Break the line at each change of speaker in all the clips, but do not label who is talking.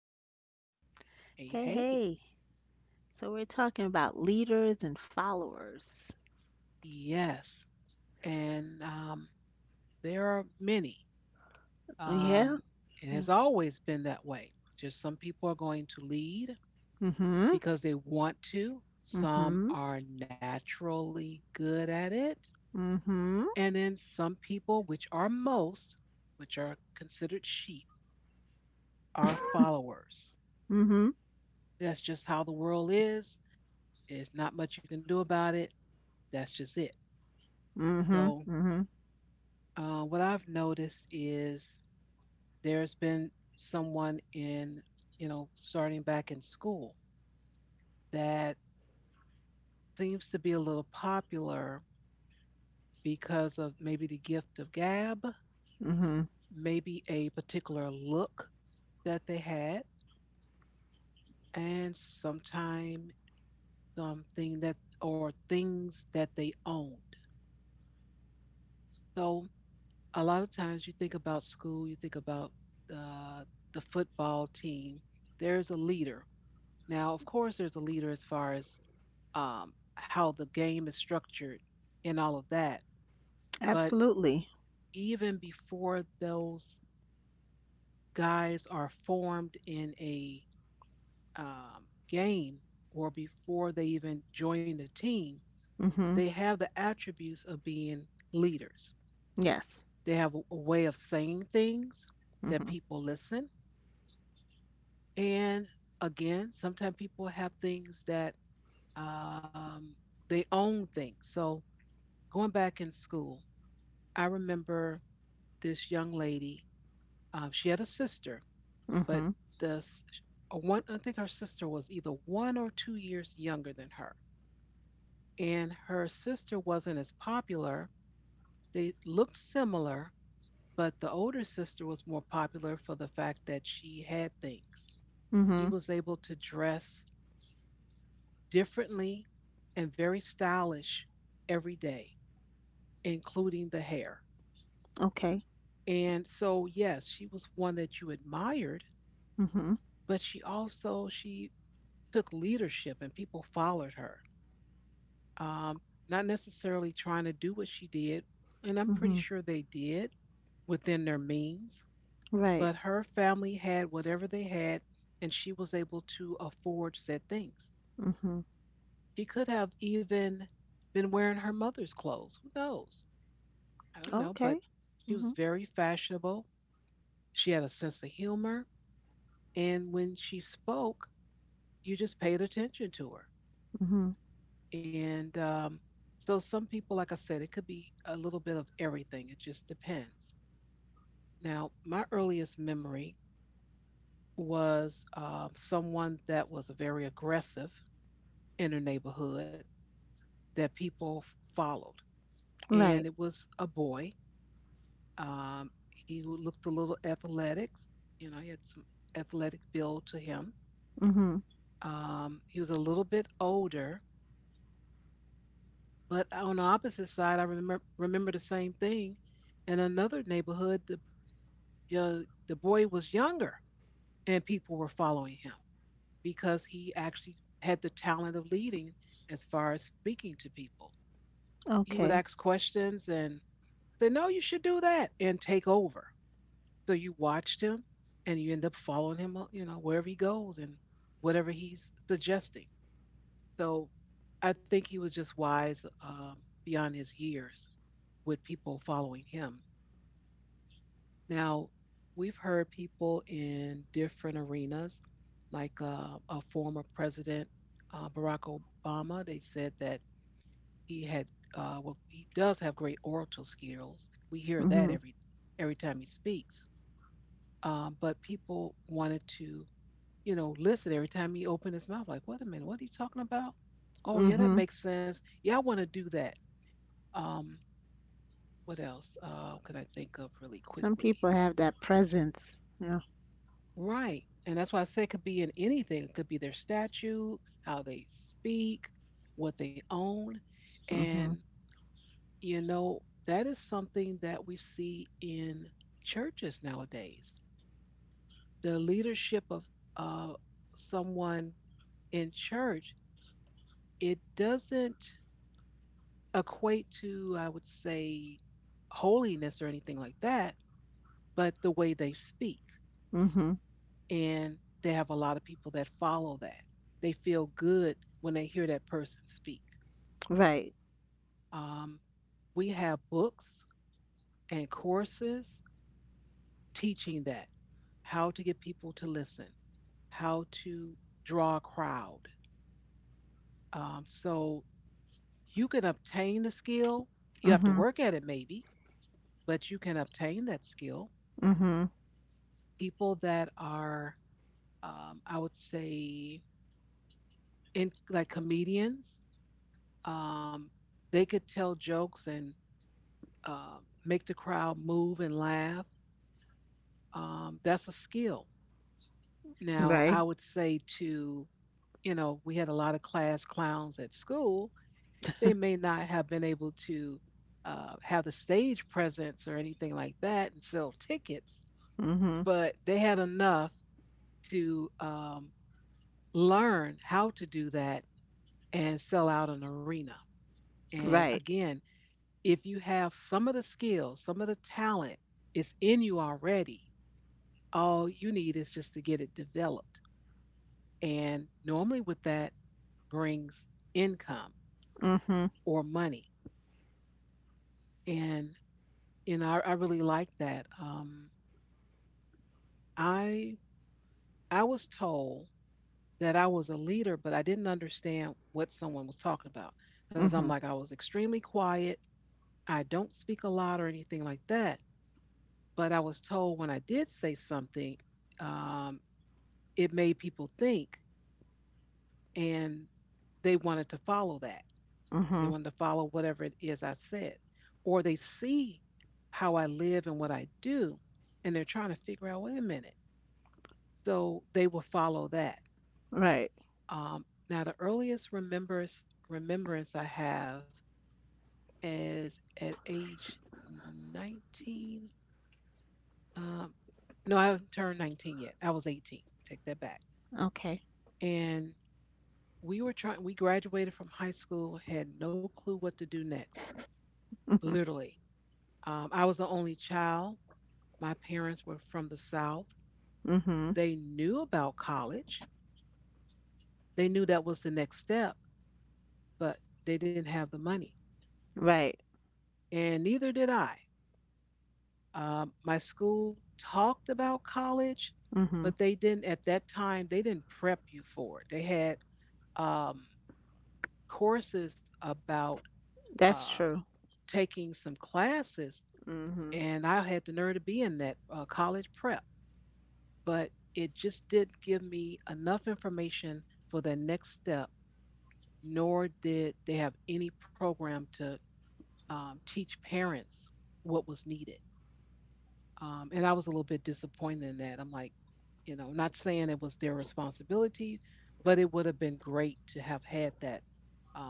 now.
Hey,
Hey,
hey.
hey. So we're talking about leaders and followers.
Yes, and there are many.
Oh, yeah?
Um, it
Yeah.
has always been that way. Just some people are going to lead
Mm-hmm.
because they want to, some
Mm-hmm.
are naturally good at it,
Mm-hmm.
and then some people, which are most, which are considered sheep, are followers.
Mm-hmm.
That's just how the world is. It's not much you can do about it. That's just it.
Mm-hmm.
So,
Mm-hmm.
what I've noticed is there's been someone in, you know, starting back in school that seems to be a little popular because of maybe the gift of gab,
Mm-hmm.
maybe a particular look that they had, and sometime something that or things that they owned. So a lot of times you think about school, you think about uh, the football team. There's a leader. Now, of course, there's a leader as far as how the game is structured and all of that. But
Absolutely.
even before those guys are formed in a um, game or before they even join the team,
Mm-hmm.
they have the attributes of being leaders.
Yes.
They have a way of saying things that
Mm-hmm.
people listen. And again, sometimes people have things that um, they own things. So going back in school, I remember this young lady. She had a sister, but
Mm-hmm.
the s- a one I think her sister was either 1 or 2 years younger than her, and her sister wasn't as popular. They looked similar, but the older sister was more popular for the fact that she had things. She
Mm-hmm.
was able to dress differently and very stylish every day, including the hair.
Okay.
And so, yes, she was one that you admired,
Mm-hmm.
but she also she took leadership and people followed her. Um, Not necessarily trying to do what she did, and I'm pretty
Mm-hmm.
sure they did within their means,
Right.
but her family had whatever they had and she was able to afford said things.
Mm-hmm.
She could have even been wearing her mother's clothes. Who knows? I don't know, but
Okay.
she was
Mm-hmm.
very fashionable. She had a sense of humor. And when she spoke, you just paid attention to her.
Mm-hmm.
And so, some people, like I said, it could be a little bit of everything. It just depends. Now, my earliest memory was someone that was very aggressive in her neighborhood that followed. And
Right.
it was a boy. Um, he looked a little athletic. You know, he had some athletic build to him.
Mm-hmm.
He was a little bit older, but on the opposite side, I remember the same thing. In another neighborhood, uh, the boy was younger, and people were following him because he actually had the talent of leading as far as speaking to people. He would
Okay.
ask questions and say, "No, you should do that," and take over. So you watched him, and you end up following him, you know, wherever he goes and whatever he's suggesting. So I think he was just wise beyond his years with people following him. Now, we've heard people in different arenas, like a former president, Barack Obama, they said that he had, well, he does have great orator skills. We hear that
Mm-hmm.
every time he speaks. But people wanted to, you know, listen every time he opened his mouth. Like, wait a minute, what are you talking about? Oh, yeah, that
Mm-hmm.
makes sense. Yeah, I want to do that. Um, what else can I think of really
Some
quickly?
people have that presence. Yeah.
Right. And that's why I say it could be in anything. It could be their statue, how they speak, what they own. And,
Mhm.
you know, that is something that we see in churches nowadays. The leadership of uh, someone in church, it doesn't equate to, I would say, holiness or anything like that, but the way they speak
Mhm.
and they have a lot of people that follow that. They feel good when they hear that person speak.
Right.
Um, we have books and courses teaching that how to get people to listen, how to draw a crowd. So you can obtain the skill. You have to
Mhm.
work at it, maybe, but you can obtain that skill.
Mhm.
People that are, I would say, in like comedians, um, they could tell jokes and uh, make the crowd move and laugh. That's a skill. Now, I
Right.
would say to, you know, we had a lot of class clowns at school. They may not have been able to have the stage presence or anything like that and sell tickets,
Mhm.
but they had enough to learn how to do that and sell out an arena. And
Right.
again, if you have some of the skills, some of the talent, it's in you already all you need is just to get it developed. And normally, with that, brings income
Mhm.
or money. And you know, I really like that. I I was told that I was a leader, but I didn't understand what someone was talking about because I'm
Mhm.
like I was extremely quiet. I don't speak a lot or anything like that. But I was told when I did say something, um, it made people think, and they wanted to follow that. They
Mhm.
wanted to follow whatever it is I said. Or they see how I live and what I do, and they're trying to figure out, wait a minute. So they will follow that.
Right.
Now, remembrance I have is at age 19. Um, no, I haven't turned 19 yet. I was 18. Take that back.
Okay.
And we were trying, we graduated from high school, had no clue what to do next,
Mhm.
literally. I was the only child. My parents were from the South.
Mhm.
They knew about college, they knew that was the next step, but they didn't have the money,
Right.
and neither did I. My school talked about college,
Mhm.
but they didn't, at that time, they didn't prep you for it. They had um, courses about
That's
uh,
true.
taking some classes,
Mhm.
and I had the nerve to be in that college prep, but it just didn't give me enough information for the next step nor did they have any program to teach parents what was needed. And I was a little bit disappointed in that. I'm like, you know, not saying it was their responsibility, but it would have been great to have had that.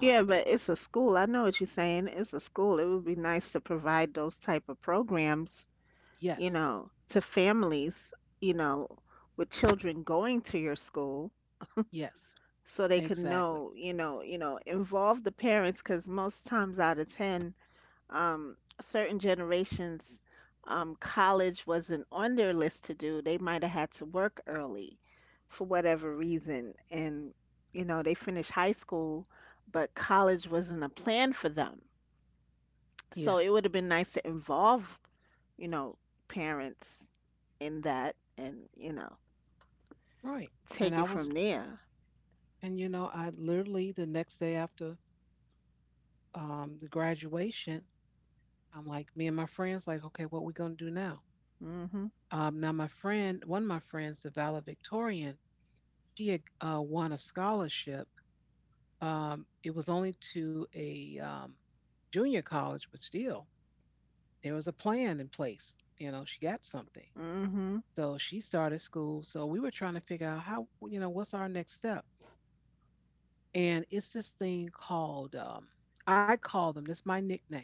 Yeah, but it's a school. I know what you're saying. It's a school. It would be nice to provide those type of programs, you
yes,
know, to families, you know, with children going to your school
yes,
so they could
exactly.
know, you know, you know, involve the parents, because most times out of 10 certain generations, college wasn't on their list to do. They might have had to work early for whatever reason. And, you know, they finished high school, but college wasn't a plan for them.
Yeah,
So it would have been nice to involve, you know, parents in that and, you know,
right. And
take
I
it
was,
from there.
and you know, I literally the next day after the graduation, I'm like, me and my friends, like, okay, what we gonna do now?
Mm-hmm.
Now my friend, one of my friends, the valedictorian, she had won a scholarship. It was only to a junior college, but still, there was a plan in place. You know, she got something.
Mm-hmm.
So she started school. So we were trying to figure out how, you know, what's our next step? And it's this thing called, I call them, this is my nickname,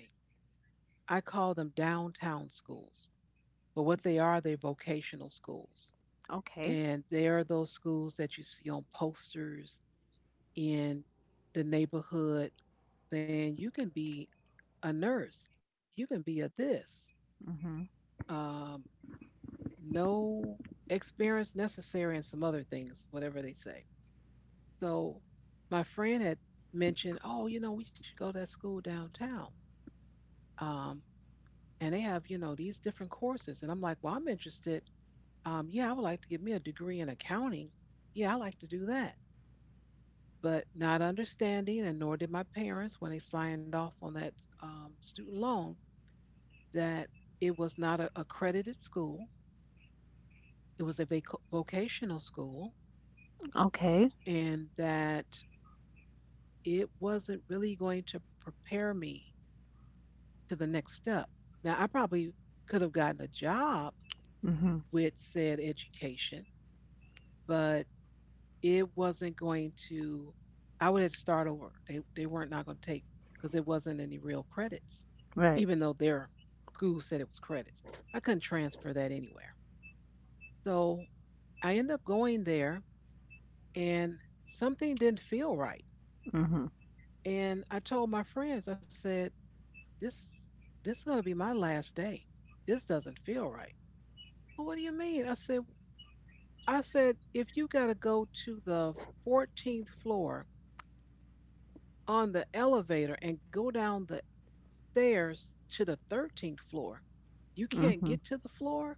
I call them downtown schools. But what they are, they're vocational schools.
Okay.
And they are those schools that you see on posters in the neighborhood saying you can be a nurse, you can be a this,
Mm-hmm.
um, no experience necessary, and some other things, whatever they say. So my friend had mentioned, oh, you know, we should go to that school downtown. Um, and they have, you know, these different courses. And I'm like, well, I'm interested. Yeah, I would like to get me a degree in accounting. Yeah, I like to do that. But not understanding, and nor did my parents when they signed off on that student loan, that it was not an accredited school, it was a vocational school,
Okay.
and that it wasn't really going to prepare me to the next step. Now, I probably could have gotten a job
Mm-hmm.
with said education, but it wasn't going to, I would have to start over. They weren't not going to take, because it wasn't any real credits.
Right.
Even though their school said it was credits. I couldn't transfer that anywhere. So I ended up going there and something didn't feel right.
Mm-hmm.
And I told my friends, I said, This this is gonna be my last day. This doesn't feel right. "Well, what do you mean? I said if you gotta go to the 14th floor on the elevator and go down the stairs to the 13th floor, you can't get to the floor.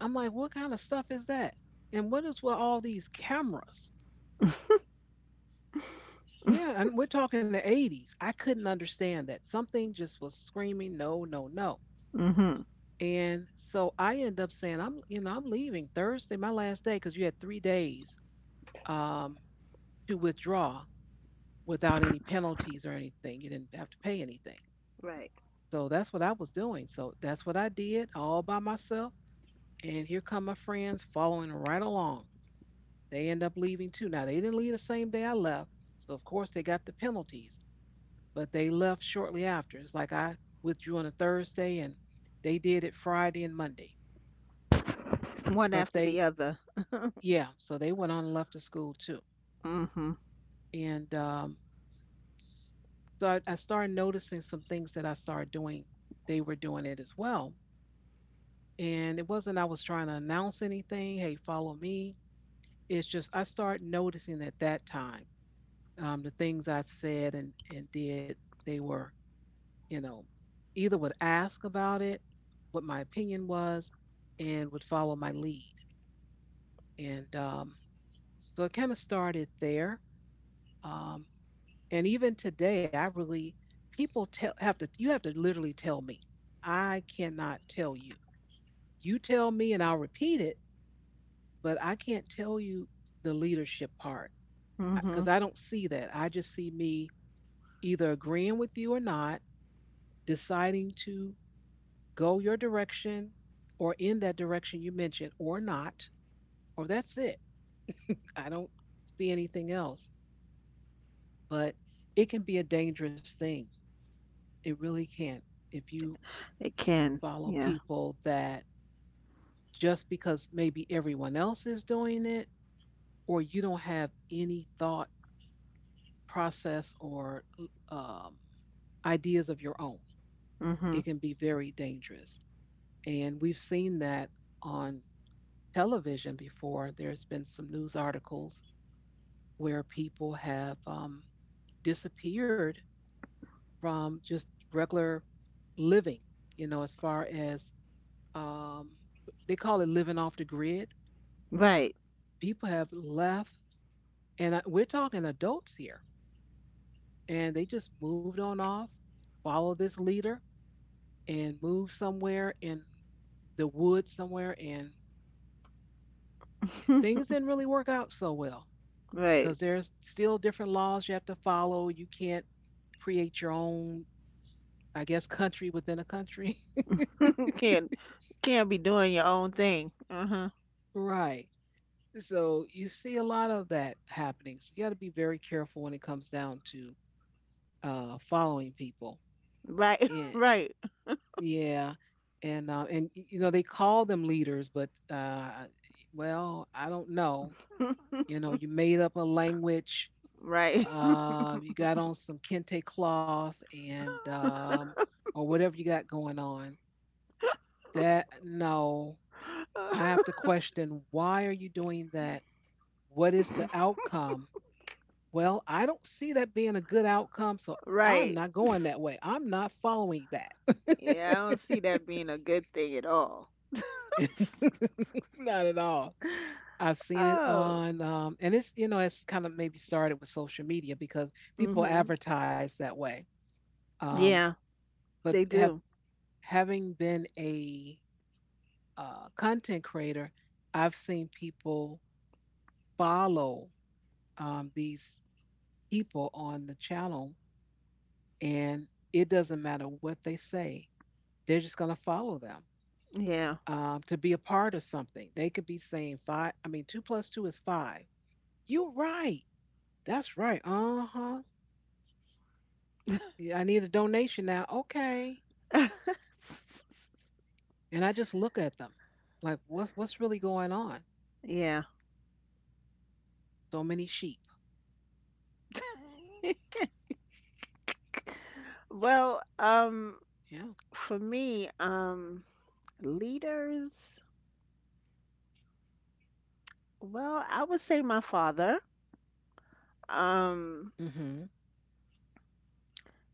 I'm like, what kind of stuff is that? And what is with all these cameras?
Mm-hmm.
Yeah, and we're talking the 80s. I couldn't understand that. Something just was screaming, no, no, no.
Mhm.
And so I end up saying, I'm leaving Thursday, my last day, because you had 3 days um, to withdraw without any penalties or anything. You didn't have to pay anything.
Right.
So that's what I was doing. So that's what I did all by myself. And here come my friends following right along. They end up leaving too. Now, they didn't leave the same day I left. So, of course, they got the penalties, but they left shortly after. It's like I withdrew on a Thursday and they did it Friday and Monday.
One
But
after the
they,
other.
yeah, so they went on and left the school too.
Mhm.
And so I started noticing some things that I started doing. They were doing it as well. And it wasn't I was trying to announce anything, hey, follow me. It's just I started noticing at that time the things I said and did, they were, you know, either would ask about it, what my opinion was, and would follow my lead. And so it kind of started there. Um, and even today, I really, people tell, have to, you have to literally tell me. I cannot tell you. You tell me and I'll repeat it, but I can't tell you the leadership part
Mhm.
because I don't see that. I just see me either agreeing with you or not, deciding to go your direction or in that direction you mentioned or not, or that's it. I don't see anything else. But it can be a dangerous thing. It really can. If you
It can.
follow
Yeah.
people that just because maybe everyone else is doing it, or you don't have any thought process or um, ideas of your own,
Mhm.
it can be very dangerous. And we've seen that on television before. There's been some news articles where people have disappeared from just regular living, as far as um, they call it living off the grid.
Right.
People have left, and we're talking adults here, and they just moved on off, follow this leader, and move somewhere in the woods somewhere, and things didn't really work out so well
Right.
because there's still different laws you have to follow. You can't create your own, I guess, country within a country.
You can't be doing your own thing. Uh huh.
Right. So you see a lot of that happening. So you got to be very careful when it comes down to following people.
Right.
Yeah,
Right.
yeah, and you know they call them leaders, but well, I don't know. You know, you made up a language.
Right.
You got on some kente cloth and or whatever you got going on. That no, I have to question why are you doing that? What is the outcome? Well, I don't see that being a good outcome, so I'm not
Right.
going that way. I'm not following that.
Yeah. I don't see that being a good thing at all.
Not at all. I've seen it
Oh.
on, and it's kind of maybe started with social media because people
Mhm.
advertise that way. Um,
Yeah.
but
They
have
do.
having been a content creator, I've seen people follow these people on the channel, and it doesn't matter what they say; they're just going to follow them
Yeah.
to be a part of something. They could be saying five. I mean, two plus two is five. You're right. That's right. Uh huh. Yeah, I need a donation now. Okay. And I just look at them, like what's really going on?
Yeah.
So many sheep.
Well,
Yeah.
for me, leaders, well, I would say my father. Um,
Mm-hmm.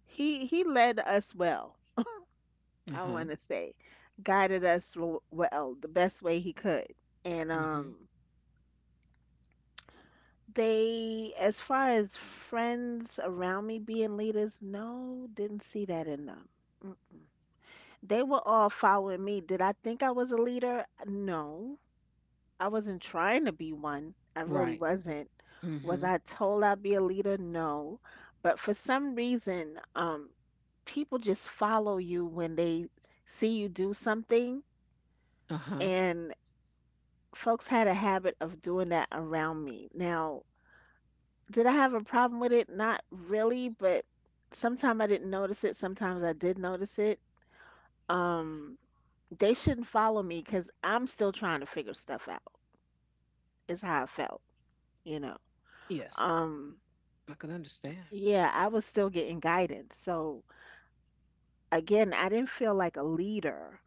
he led us well,
Uh
I
huh.
want to say. Guided us well, the best way he could. And
Mm-hmm.
they, as far as friends around me being leaders, no, didn't see that in them. mm They were all following me. Did I think I was a leader? No. I wasn't trying to be one. I really
Right.
wasn't. Was
Mm-hmm.
I told I'd be a leader? No. But for some reason, people just follow you when they see you do something.
Uh huh.
And folks had a habit of doing that around me. Now, did I have a problem with it? Not really, but sometimes I didn't notice it. Sometimes I did notice it. Um, they shouldn't follow me because I'm still trying to figure stuff out, is how I felt, you know.
Yes.
Um,
I can understand.
Yeah, I was still getting guidance. So again, I didn't feel like a leader.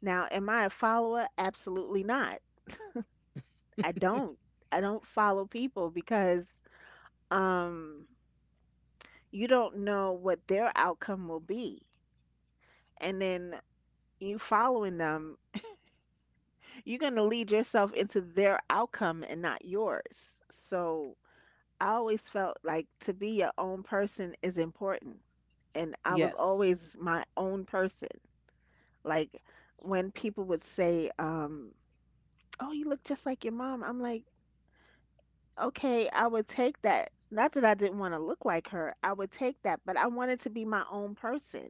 Now, am I a follower? Absolutely not. I don't. I don't follow people because um you don't know what their outcome will be. And then you following them, you're going to lead yourself into their outcome and not yours. So I always felt like to be your own person is important. And I was
Yes.
always my own person. Like when people would say, "Oh, you look just like your mom." I'm like, "Okay, I would take that." Not that I didn't want to look like her. I would take that, but I wanted to be my own person,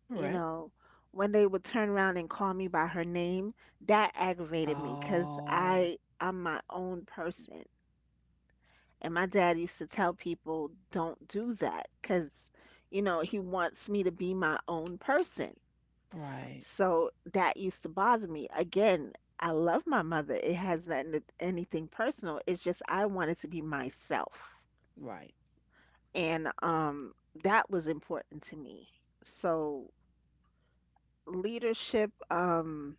All
you
right.
know. When they would turn around and call me by her name, that aggravated me because
Oh.
I'm my own person. And my dad used to tell people, "Don't do that," because you know, he wants me to be my own person.
Right.
So that used to bother me. Again, I love my mother. It has nothing to anything personal. It's just I wanted to be myself.
Right.
And that was important to me. So leadership,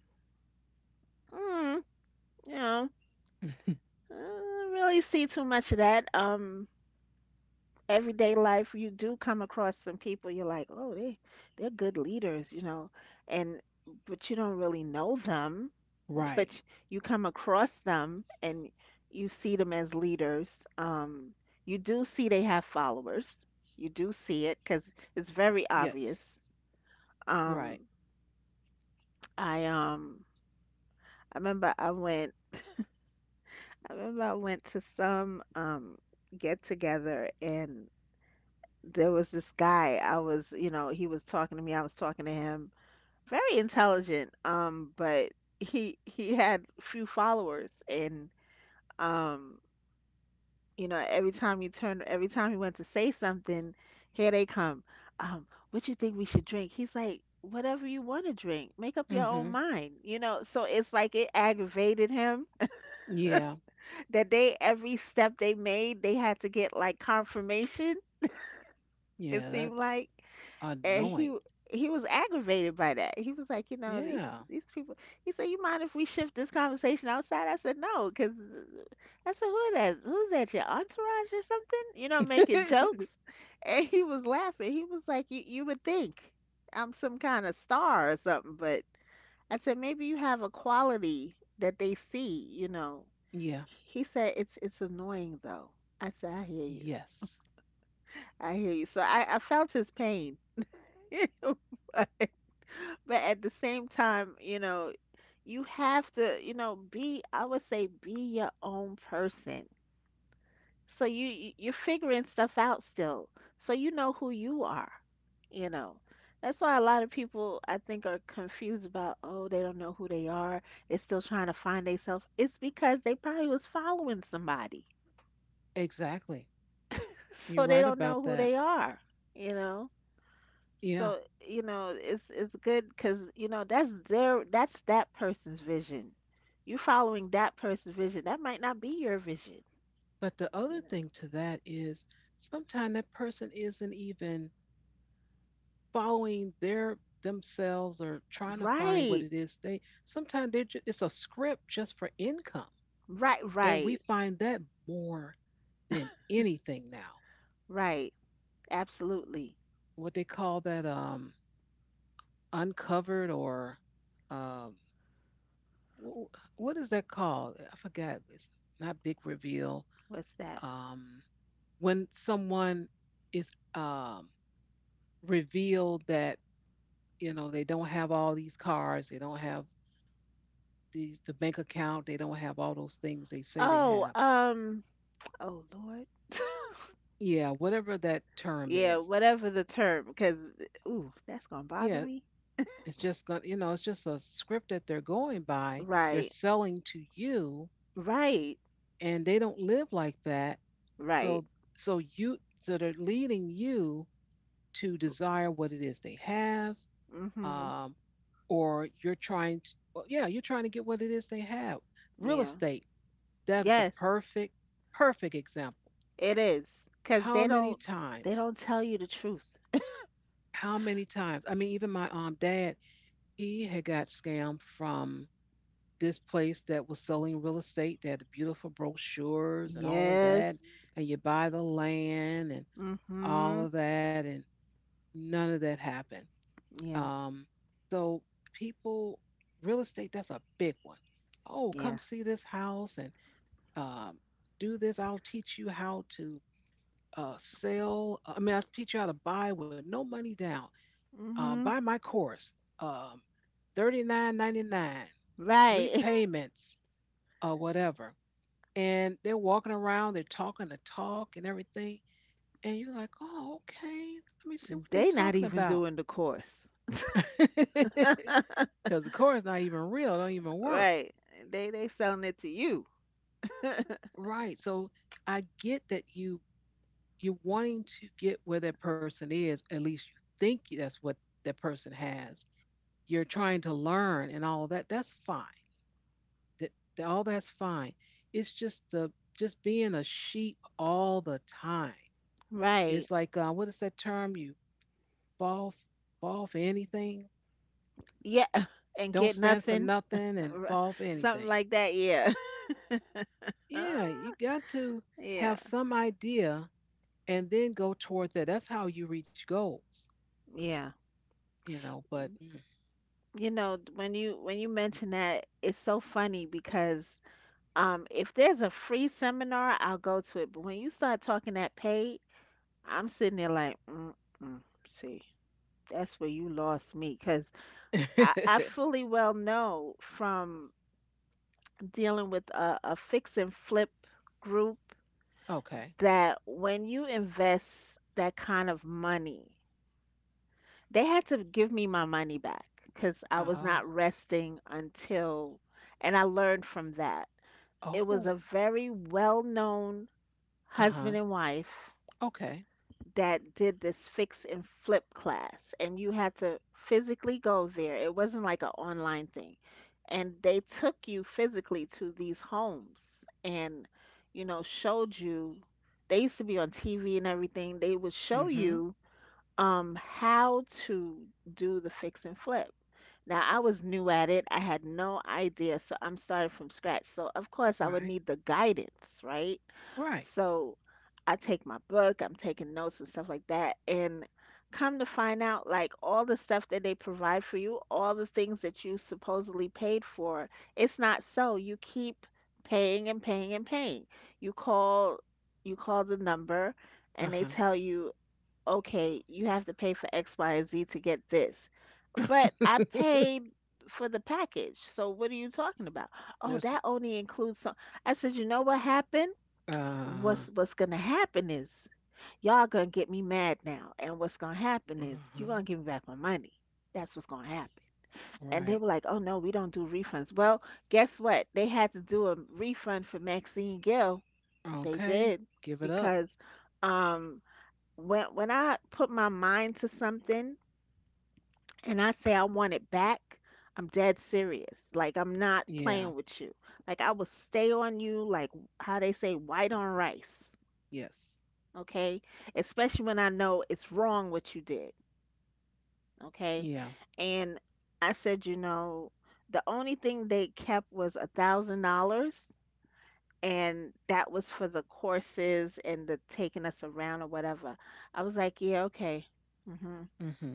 mm, you know, I don't really see too much of that. Everyday life you do come across some people you're like, "Oh, they're good leaders, you know." And but you don't really know them
Right.
but you come across them and you see them as leaders. You do see they have followers. You do see it because it's very
Yes.
obvious.
Right.
Um, I um, I remember I went. I remember I went to some get together and there was this guy. I was, you know, he was talking to me. I was talking to him. Very intelligent. But he had few followers and um you know, every time you turn, every time he went to say something, here they come. Um, what you think we should drink? He's like, whatever you want to drink, make up
Mm
your
hmm.
own mind. You know, so it's like it aggravated him
Yeah.
that they every step they made, they had to get like confirmation.
Yeah.
It seemed
That's
like, and
annoying.
he was aggravated by that. He was like, you know,
Yeah.
these people. He said, you mind if we shift this conversation outside? I said, no, because I said, who are that? Who's that? Your entourage or something? You know, making jokes. And he was laughing. He was like, you would think I'm some kind of star or something, but I said maybe you have a quality that they see, you know."
Yeah.
He said, it's annoying though." I said, "I hear you.
Yes.
I hear you." So I felt his pain. But at the same time, you know, you have to, you know, be I would say be your own person. So you're figuring stuff out still. So you know who you are, you know. That's why a lot of people I think are confused about, oh, they don't know who they are. They're still trying to find themselves. It's because they probably was following somebody.
Exactly. You're
So they
right
don't know
about
who
that.
they are, you know.
Yeah.
So, you know, it's good because you know, that's that person's vision. You following that person's vision. That might not be your vision,
But the
you
other
know.
thing to that is sometimes that person isn't even following their themselves or trying to find what
Right.
it is they sometimes they're just, it's a script just for income and we
Right.
find that more than anything now
Right. Absolutely.
what they call that uncovered or um wh- what is that called? I forgot. It's not big reveal.
What's that?
Um, when someone is um, revealed that you know they don't have all these cars, they don't have the bank account, they don't have all those things they say they
Oh,
have.
oh Lord.
Yeah, whatever that term
Yeah,
is.
whatever the term, because ooh, that's gonna bother
Yeah,
me.
it's just gonna it's just a script that they're going by. They're
Right,
selling to you,
right,
and they don't live like that.
right.
So so they're leading you to desire what it is they have,
Mm-hmm.
um, or well, yeah, you're trying to get what it is they have. Real
Yeah.
estate, that is a
Yes,
perfect, perfect example.
it is. Cause
How many
they
times?
don't tell you the truth.
How many times? I mean, even my dad, he had got scammed from this place that was selling real estate. They had the beautiful brochures and all of that,
Yes.
and you buy the land and all
Mm-hmm.
of that, and none of that happened.
Yeah.
Um, so people, real estate, that's a big one. Oh, come
Yeah.
see this house and um, do this. I'll teach you how to sell. I mean, I'll teach you how to buy with no money down. Uh,
Mm-hmm.
buy my course, um, 39.99, three
Right.
payments, whatever. And they're walking around, they're talking the talk and everything. And you're like, oh, okay, let me see what
And
they're
they
talking
not even
about.
doing the course.
Because the course not even real, don't even work.
Right. They selling it to you.
Right. So I get that you're wanting to get where that person is. At least you think that's what that person has. You're trying to learn and all of that. That's fine. That, that all that's fine. It's just the just being a sheep all the time.
Right.
It's like what is that term? You fall f- fall for anything.
Yeah, and
Don't
get
stand for
nothing,
nothing and fall for
something
anything.
like that. Yeah,
Yeah, you got to
yeah,
have some idea and then go toward that. That's how you reach goals.
yeah.
You know, but mm.
You know, when you mention that, it's so funny because if there's a free seminar, I'll go to it. But when you start talking that paid, I'm sitting there like, mm-mm, see, that's where you lost me, because I fully well know from dealing with a fix and flip group
Okay.
that when you invest that kind of money. They had to give me my money back because I was
Oh,
not resting until, and I learned from that. It was
oh,
a very well known
uh
husband
huh.
and wife
Okay.
that did this fix and flip class, and you had to physically go there. It wasn't like an online thing. And they took you physically to these homes and, you know, showed you. They used to be on TV and everything. They would show
Mm hmm.
you how to do the fix and flip. Now I was new at it. I had no idea, so I'm starting from scratch. So of course I would
Right,
need the guidance, right?
right.
So I take my book, I'm taking notes and stuff like that and come to find out like all the stuff that they provide for you, all the things that you supposedly paid for, it's not so. You keep paying and paying and paying. You call you call the number
Uh
and they
huh.
tell you okay, you have to pay for X, Y, and Z to get this. But I paid for the package. So what are you talking about? Oh,
There's,
that only includes some. I said, you know what happened?
uh
What's gonna happen is y'all gonna get me mad now, and what's gonna happen is you're
huh.
gonna give me back my money. That's what's gonna happen. And they
Right.
were like, oh no, we don't do refunds. Well, guess what? They had to do a refund for Maxine Gill. They
Okay.
did
Give it up.
because um when I put my mind to something and I say I want it back, I'm dead serious. Like I'm not
Yeah.
playing with you. Like I will stay on you like how they say white on rice,
Yes.
okay? Especially when I know it's wrong what you did, okay?
Yeah.
And I said, you know, the only thing they kept was $1,000 and that was for the courses and the taking us around or whatever. I was like, yeah, okay. Mm-hmm.
Mm hmm.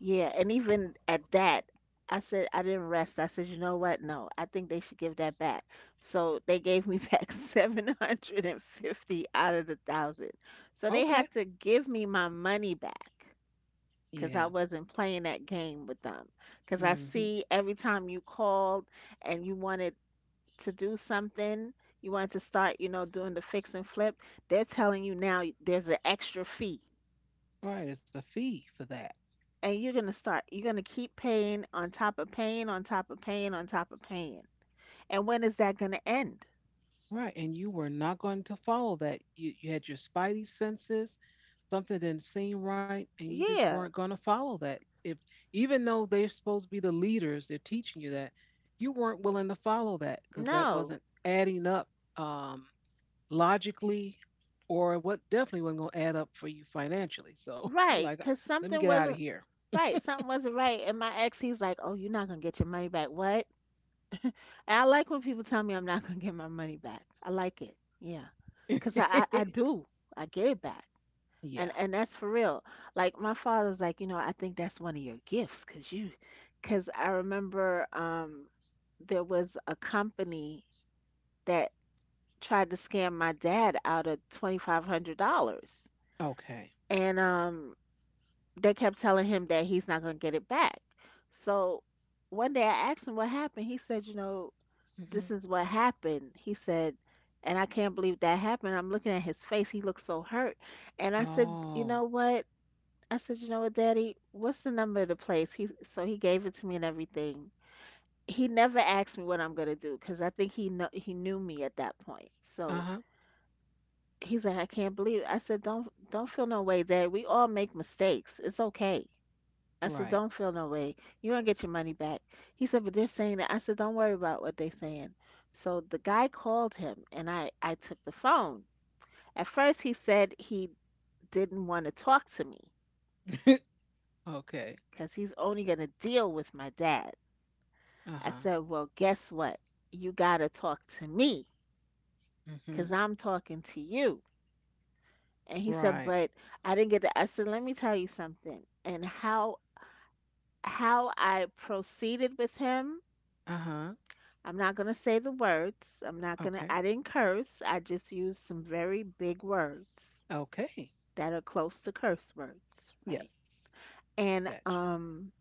Yeah, and even at that, I said I didn't rest. I said, you know what? No, I think they should give that back. So they gave me back 750 out of the thousand. So they
Okay.
had to give me my money back because
Yeah.
I wasn't playing that game with them. Because I
Mm hmm.
see every time you called and you wanted to do something, you wanted to start, you know, doing the fix and flip, they're telling you now there's an extra fee.
Right. There's a fee for that.
And You're going to keep paying on top of paying on top of paying on top of paying, and when is that going to end?
Right. And you were not going to follow that. You had your spidey senses something didn't seem right and you just
Yeah.
weren't going to follow that if even though they're supposed to be the leaders they're teaching you that you weren't willing to follow that because that
No.
wasn't adding up um, logically or what definitely wasn't going to add up for you financially so you're
Right.
like
Because
let me
something
get out of
wasn't
here
right something wasn't right and my ex, he's like, "Oh, you're not going to get your money back." What? And I like when people tell me I'm not going to get my money back. I like it. Yeah. Because I do. I get it back. And
yeah
and that's for real. Like, my father's like, I think that's one of your gifts, cause I remember there was a company that tried to scam my dad out of $2,500.
okay
And they kept telling him that he's not going to get it back. So one day I asked him what happened. He said, this
hmm
is what happened. He said, and I can't believe that happened. I'm looking at his face. He looks so hurt. And I said, you know
oh
what? I said, you know what, Daddy, what's the number of the place? He so he gave it to me and everything. He never asked me what I'm gonna do because I think he knew me at that point. So
uh-huh
he's like, "I can't believe it." I said, don't feel no way, Dad. We all make mistakes. It's okay. I said,
right
don't feel no way. You gonna get your money back. He said, but they're saying that. I said, don't worry about what they are saying. So the guy called him, and I took the phone. At first he said he didn't want to talk to me
okay
because he's only gonna deal with my dad. I said,
uh-huh
"Well, guess what? You got to talk to me because
hmm
I'm talking to you." And he said,
right
"But I didn't get the—" I said, "Let me tell you something." And how I proceeded with him,
uh-huh
I'm not going to say the words. I'm not going to,
okay
I didn't curse. I just used some very big words
okay
that are close to curse words, right?
yes.
And
Gotcha.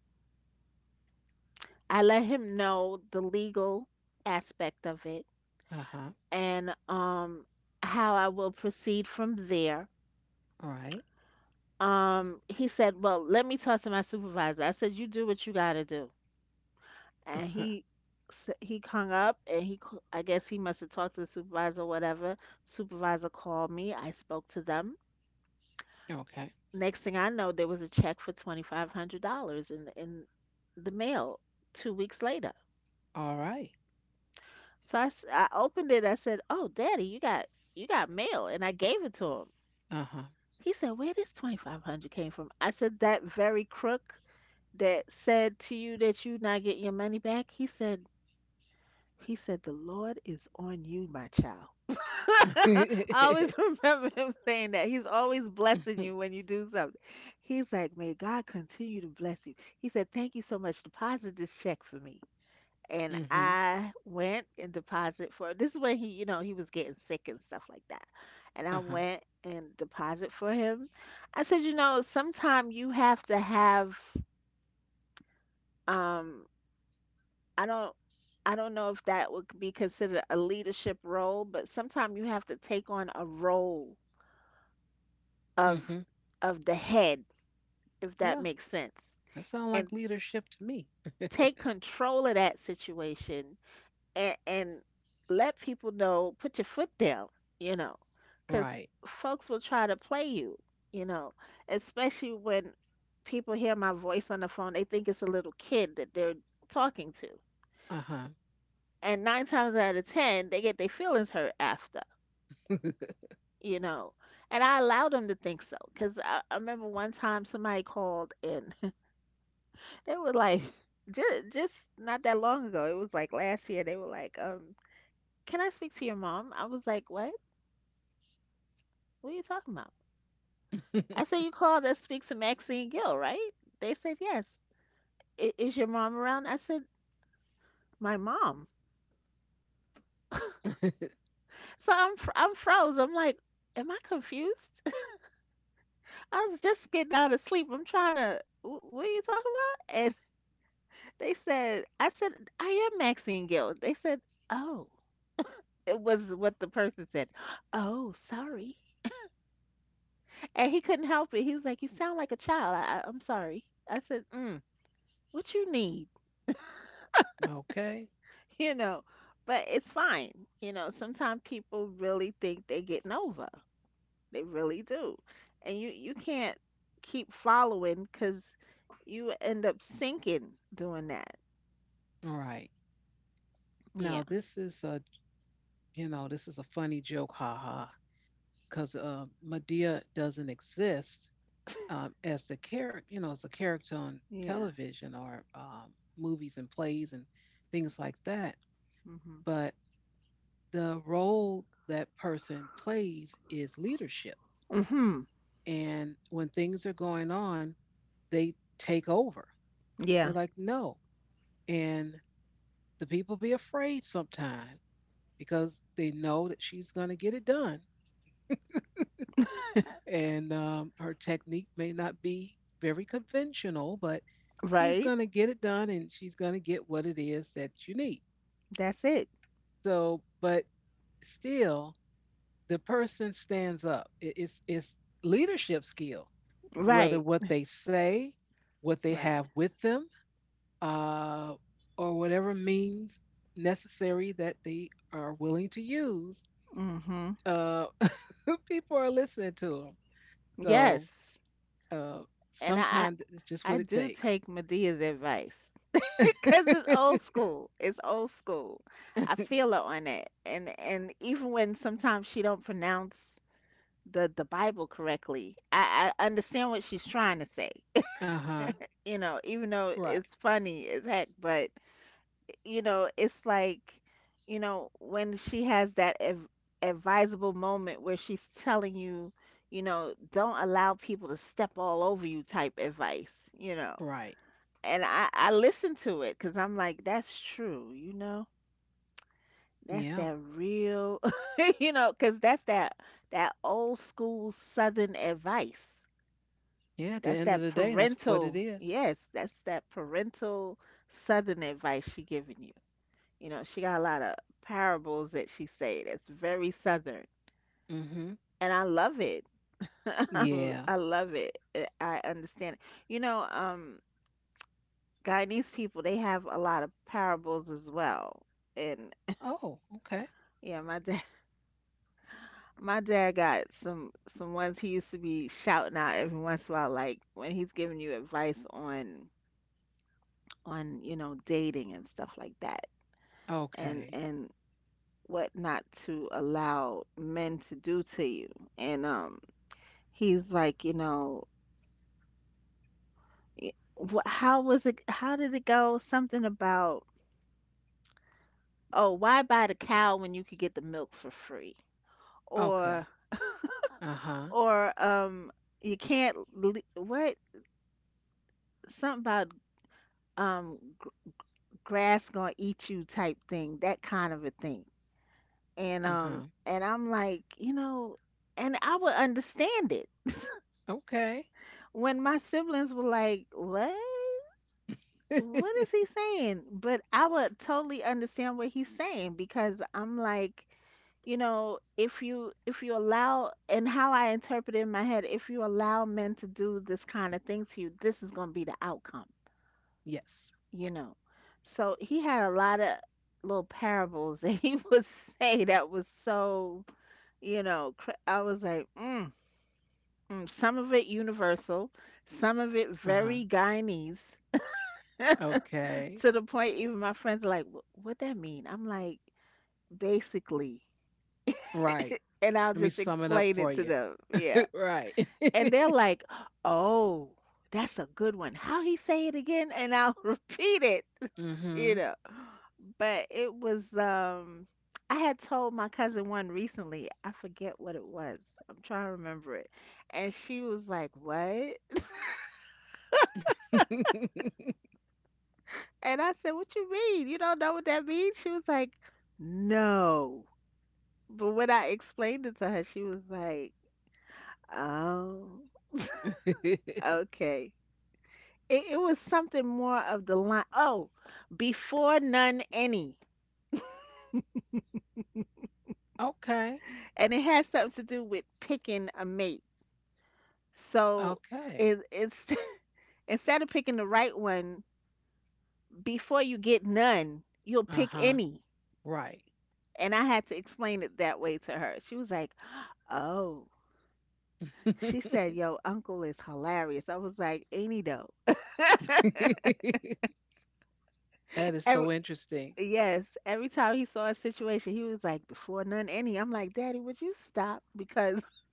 I let him know the legal aspect of it,
Uh huh.
and how I will proceed from there.
All right.
He said, "Well, let me talk to my supervisor." I said, "You do what you gotta do." And
Uh-huh.
he hung up, and I guess he must have talked to the supervisor or whatever. Supervisor called me. I spoke to them.
Okay.
Next thing I know, there was a check for $2,500 in the mail 2 weeks later.
All right.
So I opened it. I said, "Oh, Daddy, you got mail," and I gave it to him.
Uh huh.
He said, "Where this 2,500 came from?" I said, "That very crook that said to you that you not getting your money back." He said, "The Lord is on you, my child." I
Mm-hmm.
always remember him saying that. He's always blessing you when you do something. He's like, "May God continue to bless you." He said, "Thank you so much. Deposit this check for me." And I went and deposit for, this is when he, he was getting sick and stuff like that. And I
Uh huh.
went and deposit for him. I said, sometime you have to have, um I don't I don't know if that would be considered a leadership role, but sometimes you have to take on a role of
Mm-hmm.
the head, if
Yeah.
that makes sense.
That sounds like
And
leadership to me.
take control of that situation, and let people know, put your foot down, you know, because
Right.
folks will try to play you, especially when people hear my voice on the phone. They think it's a little kid that they're talking to.
Uh huh.
And nine times out of ten, they get their feelings hurt after. you know and I allowed them to think so because I remember one time somebody called, and they were like, just not that long ago, it was like last year, they were like, "Can I speak to your mom?" I was like, "What? What are you talking about? I said, you called us to speak to Maxine Gill, right?" They said, "Yes, is your mom around?" I said, "My mom?" So I'm froze. I'm like, am I confused? I was just getting out of sleep. I'm trying to, what are you talking about? They said, I said, "I am Maxine Gill." They said, "Oh," it was what the person said. "Oh, sorry." And he couldn't help it. He was like, "You sound like a child. I'm sorry." I said, "Mm, what you need?"
Okay.
You know, but it's fine. Sometimes people really think they're getting over. They really do. And you can't keep following because you end up sinking doing that.
All right.
Yeah.
Now this is a funny joke, haha, because Medea doesn't exist as the character you know as a character on
Yeah.
television or movies and plays and things like that.
Hmm.
But the role that person plays is leadership.
Hmm.
And when things are going on, they take over. They're
Yeah.
like, no. And the people be afraid sometimes because they know that she's going to get it done. And her technique may not be very conventional, but she's
Right.
going to get it done and she's going to get what it is that you need.
That's it.
So, but still, the person stands up. It's leadership skill, whether
Right.
what they say, what they
Right.
have with them, uh, or whatever means necessary that they are willing to use.
Mm-hmm.
Uh, People are listening to them, so
Yes.
uh,
And I I
sometimes it's just what
I
it
do
takes.
take Medea's advice because
Uh
it's old school. It's old school. I feel her on it. And even when sometimes she don't pronounce the Bible correctly, I understand what she's trying to say.
huh.
Even though
Right.
it's funny as heck, but it's like, when she has that advisable moment where she's telling you, don't allow people to step all over you type advice.
Right.
And I listen to it because I'm like, that's true. That's
Yeah.
that real. Because that's that old school Southern advice.
Yeah. At the
That's
end of
that
the day, that's what it
parental,
is.
yes, that's that parental Southern advice she giving you. She got a lot of parables that she say that's very southern,
Mm-hmm.
and I love it. I
Yeah.
I love it. I understand it. You know, um, Guyanese people they have a lot of parables as well, and
Oh. Okay.
yeah, my dad, my dad got some ones he used to be shouting out every once in a while, like when he's giving you advice on dating and stuff like that, and
Okay.
and what not to allow men to do to you, and he's like, y- how was it? How did it go? Something about, oh, why buy the cow when you could get the milk for free? Or,
Okay. Uh-huh.
or, um, you can't, what? Something about, um, gr- grass gonna eat you type thing, that kind of a thing. And,
Uh-huh.
um, and I'm like, and I would understand it
Okay.
when my siblings were like, what? What is he saying? But I would totally understand what he's saying because I'm like, if you allow, and how I interpret it in my head, if you allow men to do this kind of thing to you, this is going to be the outcome,
Yes.
you know. So he had a lot of little parables that he would say that was so, I was like, mm, mm. Some of it universal, some of it
Uh-huh.
very Guyanese,
Okay.
to the point even my friends are like, "What that mean?" I'm like, basically.
Right.
And I'll
Let me
just
sum it up
explain
for
it to
you.
them. Yeah.
Right.
And they're like, oh, that's a good one. How he say it again? And I'll repeat it, you
Mm-hmm.
know. But it was, I had told my cousin one recently. I forget what it was. I'm trying to remember it. And she was like, "What?" And I said, "What you mean? You don't know what that means?" She was like, "No." But when I explained it to her, she was like, "Oh, okay." It was something more of the line. Oh, before none any,
Okay.
and it has something to do with picking a mate. So
Okay.
it's instead of picking the right one before you get none, you'll pick
Uh-huh.
any.
Right.
And I had to explain it that way to her. She was like, "Oh." She said, "Yo, uncle is hilarious." I was like, "Ain't he though?"
That is
Every,
so interesting.
Yes, every time he saw a situation, he was like, "Before none any." I'm like, "Daddy, would you stop? Because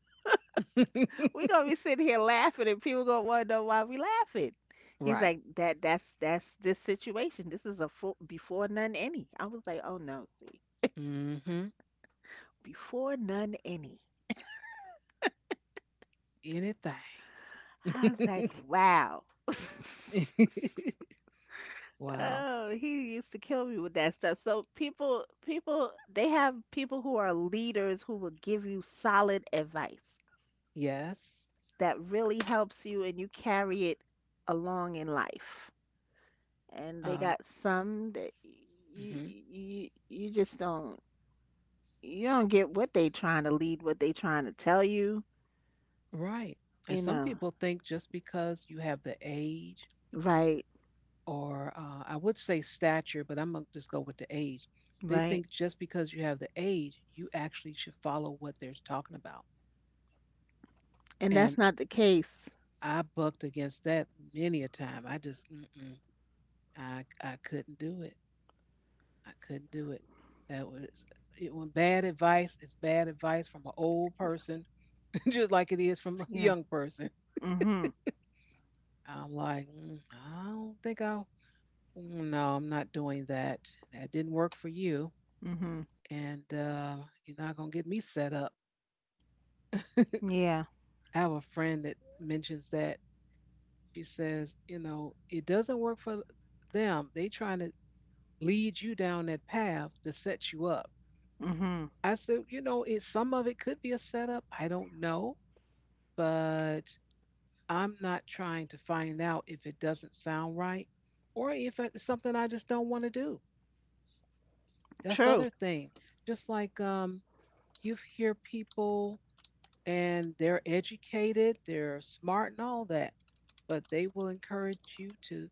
we're gonna be sitting here laughing, and people gonna want to know why we laughing." He's
Right.
like, "That's this situation. This is a full, before none any." I was like, "Oh no, see,
Mm-hmm.
before none any."
Anything.
I was like, "Wow."
Wow.
Oh, he used to kill me with that stuff. So people, they have people who are leaders who will give you solid advice
Yes.
that really helps you, and you carry it along in life. And they
Um,
got some that you
mhm.
you you just don't you don't get what they trying to lead, what they trying to tell you,
Right. And
you
some
know.
people think just because you have the age,
Right,
or I would say stature, but I'm going to just go with the age. They
right.
think just because you have the age, you actually should follow what they're talking about.
And
And
that's not the case.
I bucked against that many a time. Mm-mm, I couldn't do it. I couldn't do it. That was, when bad advice is bad advice from an old person, just like it is from a
Yeah.
young person.
Mhm.
I'm like, I don't think I "Mm, No, I'm not doing that. That didn't work for you.
Mhm.
And you're not going to get me set up.
Yeah.
I have a friend that mentions that. She says, it doesn't work for them. They trying to lead you down that path to set you up.
Mhm.
I said, it some of it could be a setup. I don't know, but I'm not trying to find out if it doesn't sound right or if it's something I just don't want to do. That's the
True.
other thing. Just like you hear people, and they're educated, they're smart and all that, but they will encourage you to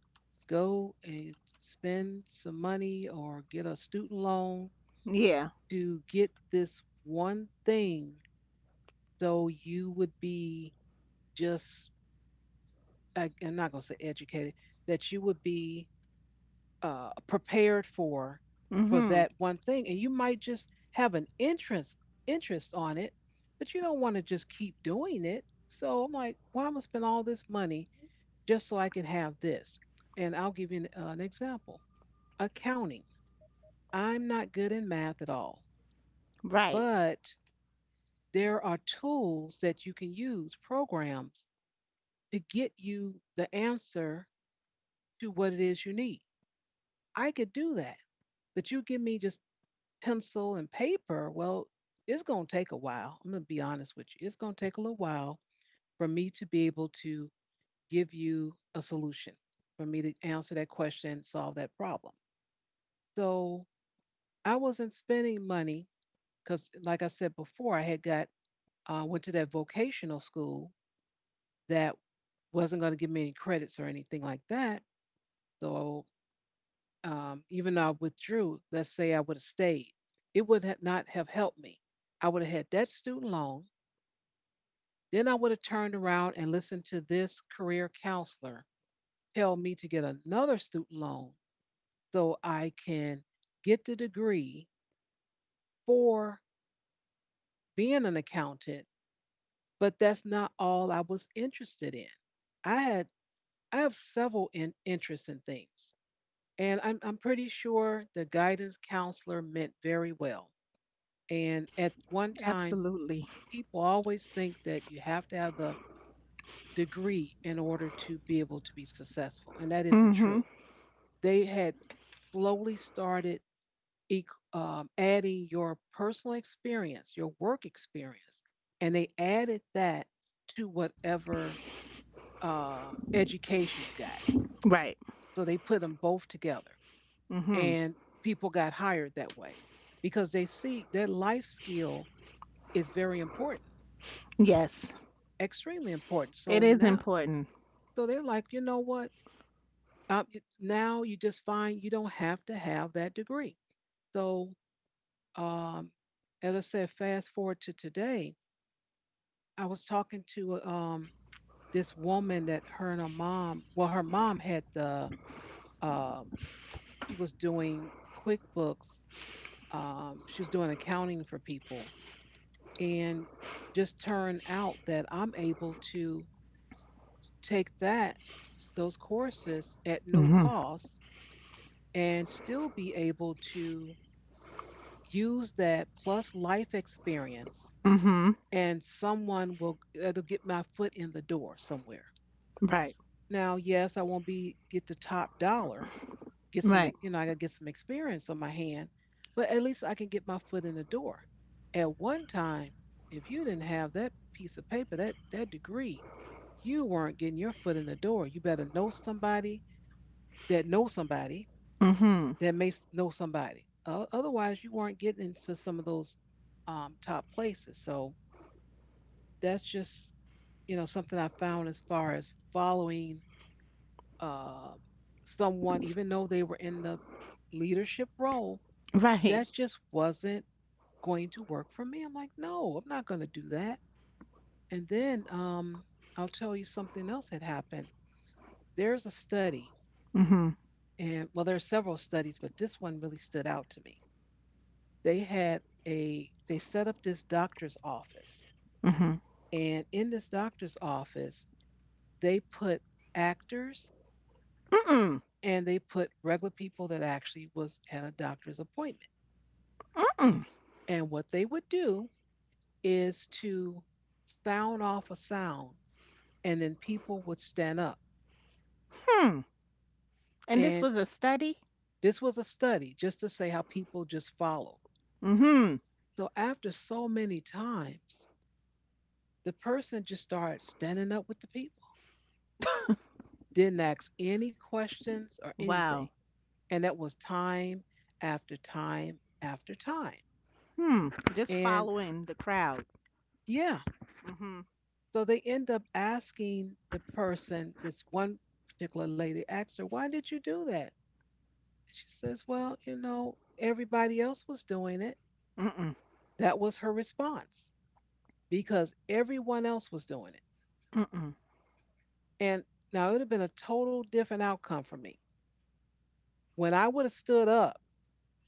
go and spend some money or get a student loan
Yeah.
to get this one thing, so you would be just, I'm not going to say educated, that you would be prepared for
Mhm.
that one thing, and you might just have an interest on it, but you don't want to just keep doing it. So I'm like, why am I spend all this money just so I can have this? And I'll give you an example. Accounting. I'm not good in math at all,
Right.
but there are tools that you can use, programs to get you the answer to what it is you need. I could do that. But you give me just pencil and paper, well, it's going to take a while. I'm going to be honest with you. It's going to take a little while for me to be able to give you a solution, for me to answer that question and solve that problem. So I wasn't spending money because, like I said before, I had got, went to that vocational school that wasn't going to give me any credits or anything like that. So even though I withdrew, let's say I would have stayed, it would not have helped me. I would have had that student loan. Then I would have turned around and listened to this career counselor tell me to get another student loan so I can get the degree for being an accountant, but that's not all I was interested in. I had I have several interests in things, and I'm pretty sure the guidance counselor meant very well. And at one time,
Absolutely.
people always think that you have to have the degree in order to be able to be successful, and that isn't
Mhm.
true. They had slowly started adding your personal experience, your work experience, and they added that to whatever education you got.
Right.
So they put them both together,
Mhm.
and people got hired that way because they see their life skill is very important,
Yes.
extremely important.
It
So
is
now,
important.
so they're like, you know what? Um, Now you just find you don't have to have that degree. So um, as I said, fast forward to today, I was talking to this woman that her and her mom, well, her mom had the, um she was doing QuickBooks, she was doing accounting for people. And just turned out that I'm able to take that, those courses at no
Mhm.
cost, and still be able to use that plus life experience,
Mhm.
and someone will, it'll get my foot in the door somewhere.
Right.
Now, yes, I won't be get the top dollar, get some
Right.
I gotta get some experience on my hand, but at least I can get my foot in the door. At one time, if you didn't have that piece of paper, that degree, you weren't getting your foot in the door. You better know somebody that knows somebody
Mm-hmm.
that may know somebody. Otherwise, you weren't getting into some of those top places. So that's just something I found as far as following uh, someone, even though they were in the leadership role,
Right.
that just wasn't going to work for me. I'm like, no, I'm not going to do that. And then I'll tell you something else had happened. There's a study,
Mm-hmm.
and well, there are several studies, but this one really stood out to me. They had a they set up this doctor's office,
Mm-hmm.
and in this doctor's office, they put actors,
Mm-mm.
and they put regular people that actually was at a doctor's appointment.
Mm-mm.
And what they would do is to sound off a sound, and then people would stand up.
Hmm. And this
And
was a study?
this was a study just to say how people just follow.
Mm-hmm.
So after so many times, the person just started standing up with the people, didn't ask any questions or anything.
Wow.
And that was time after time after time.
Hmm. Just
And,
following the crowd.
yeah,
Mm-hmm.
so they end up asking the person, this one particular lady asked her, why did you do that? She says, well, you know, everybody else was doing it.
Mm-mm.
That was her response, because everyone else was doing it.
Mm-mm.
And now it would have been a total different outcome for me. When I would have stood up,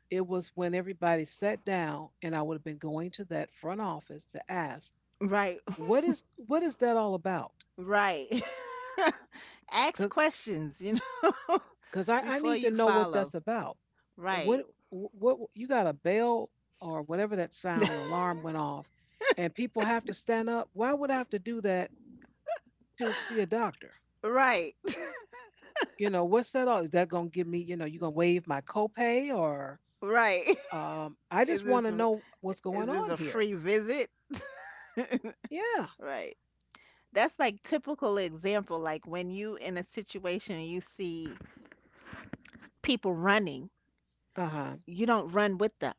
it was when everybody sat down, and I would have been going to that front office to ask,
Right.
what is what is that all about?
Right. Ask
Because
questions, you know.
I need
Before
to
you
know what that's
follow.
about. Uh, What
Right.
what you got a bell or whatever that sound alarm went off, and people have to stand up. Why would I have to do that to see a doctor?
Right.
You know what's that all? Is that gonna give me? You know, you gonna waive my copay or?
Right.
I
Is
just
this
want to know what's
is
going
this
on
a
here.
free visit?
Yeah.
Right. That's like typical example, like when you in a situation and you see people running,
Uh huh.
you don't run with them,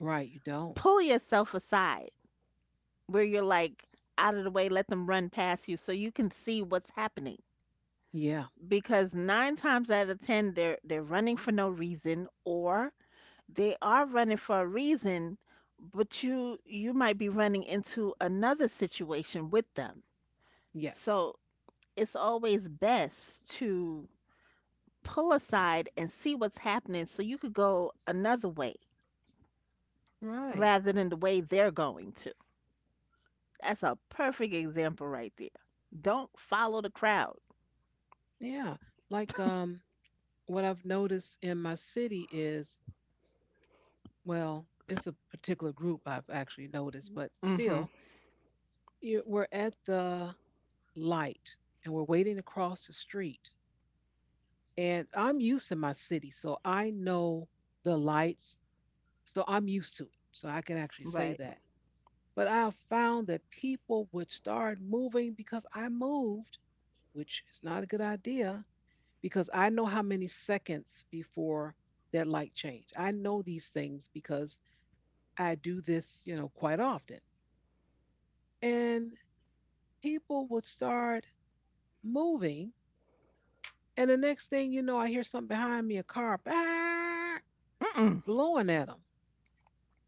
Right. You don't.
pull yourself aside, where you're like out of the way, let them run past you so you can see what's happening,
Yeah.
because nine times out of ten, they're running for no reason, or they are running for a reason, but you might be running into another situation with them.
Yes.
So it's always best to pull aside and see what's happening so you could go another way
Right.
rather than the way they're going to. That's a perfect example right there. Don't follow the crowd.
Yeah. Like, what I've noticed in my city is, well, it's a particular group I've actually noticed, but
Mm-hmm.
still, we're at the light, and we're waiting to cross the street. And I'm used to my city, so I know the lights, so I'm used to it. So I can actually say
Right.
that. But I have found that people would start moving because I moved, which is not a good idea, because I know how many seconds before that light change. I know these things because I do this, quite often. And people would start moving. And the next thing you know, I hear something behind me, a car, "Bah!"
Mm-mm.
blowing at them.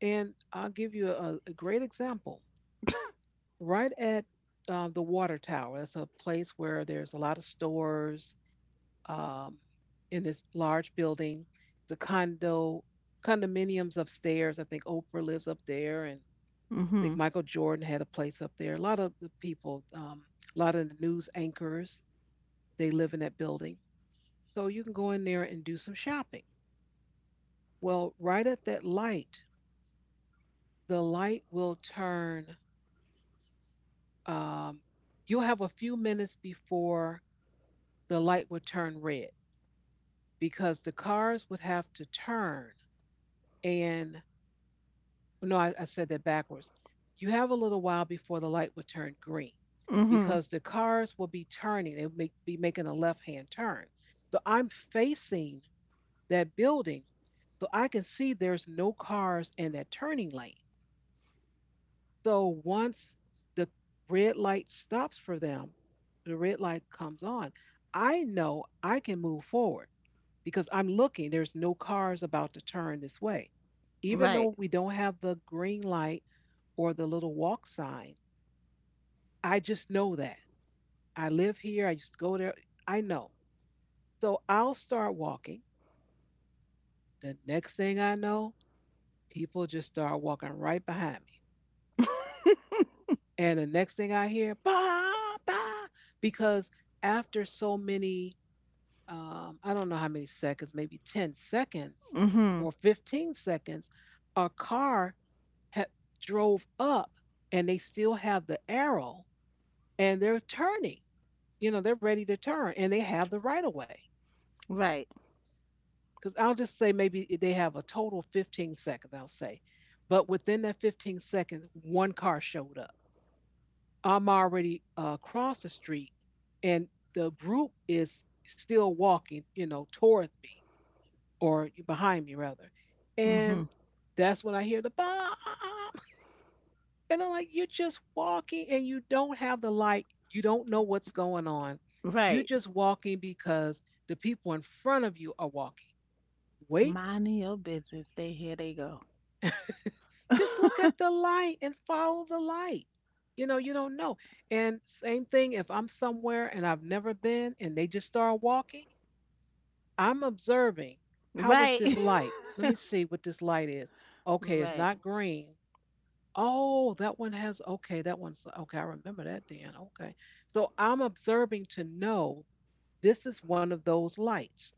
And I'll give you a great example. Right at the water tower, that's a place where there's a lot of stores, um, in this large building. The condominiums upstairs. I think Oprah lives up there, and I
Mm-hmm.
think Michael Jordan had a place up there. A lot of the people, a lot of the news anchors, they live in that building. So you can go in there and do some shopping. Well, right at that light, the light will turn, um, you'll have a few minutes before the light will turn red because the cars would have to turn. And, oh, no, I said that backwards. You have a little while before the light would turn green
Mm-hmm.
because the cars will be turning. They'll be making a left hand turn. So I'm facing that building, so I can see there's no cars in that turning lane. So once the red light stops for them, the red light comes on, I know I can move forward because I'm looking. There's no cars about to turn this way. Even
Right.
though we don't have the green light or the little walk sign, I just know that. I live here. I used to go there. I know. So I'll start walking. The next thing I know, people just start walking right behind me. And the next thing I hear, bah, bah, because after so many, I don't know how many seconds, maybe 10 seconds
Mm-hmm.
or 15 seconds, a car ha- drove up, and they still have the arrow, and they're turning. You know, they're ready to turn, and they have the right of way.
Right.
Because I'll just say maybe they have a total 15 seconds, I'll say. But within that 15 seconds, one car showed up. I'm already across the street, and the group is still walking, toward me, or behind me rather.
Mm-hmm.
And that's when I hear the bomb, and I'm like, you're just walking, and you don't have the light. You don't know what's going on. You're
Right.
just walking because the people in front of you are walking. Wait,
Minding your business. They here they go.
just look at the light and follow the light. You know, you don't know. And same thing, if I'm somewhere and I've never been and they just start walking, I'm observing. How is
Right.
this light? Let me see what this light is. Okay, it's
Right.
not green. Oh, that one has, okay, that one's, okay, I remember that then. Okay. So I'm observing to know this is one of those lights.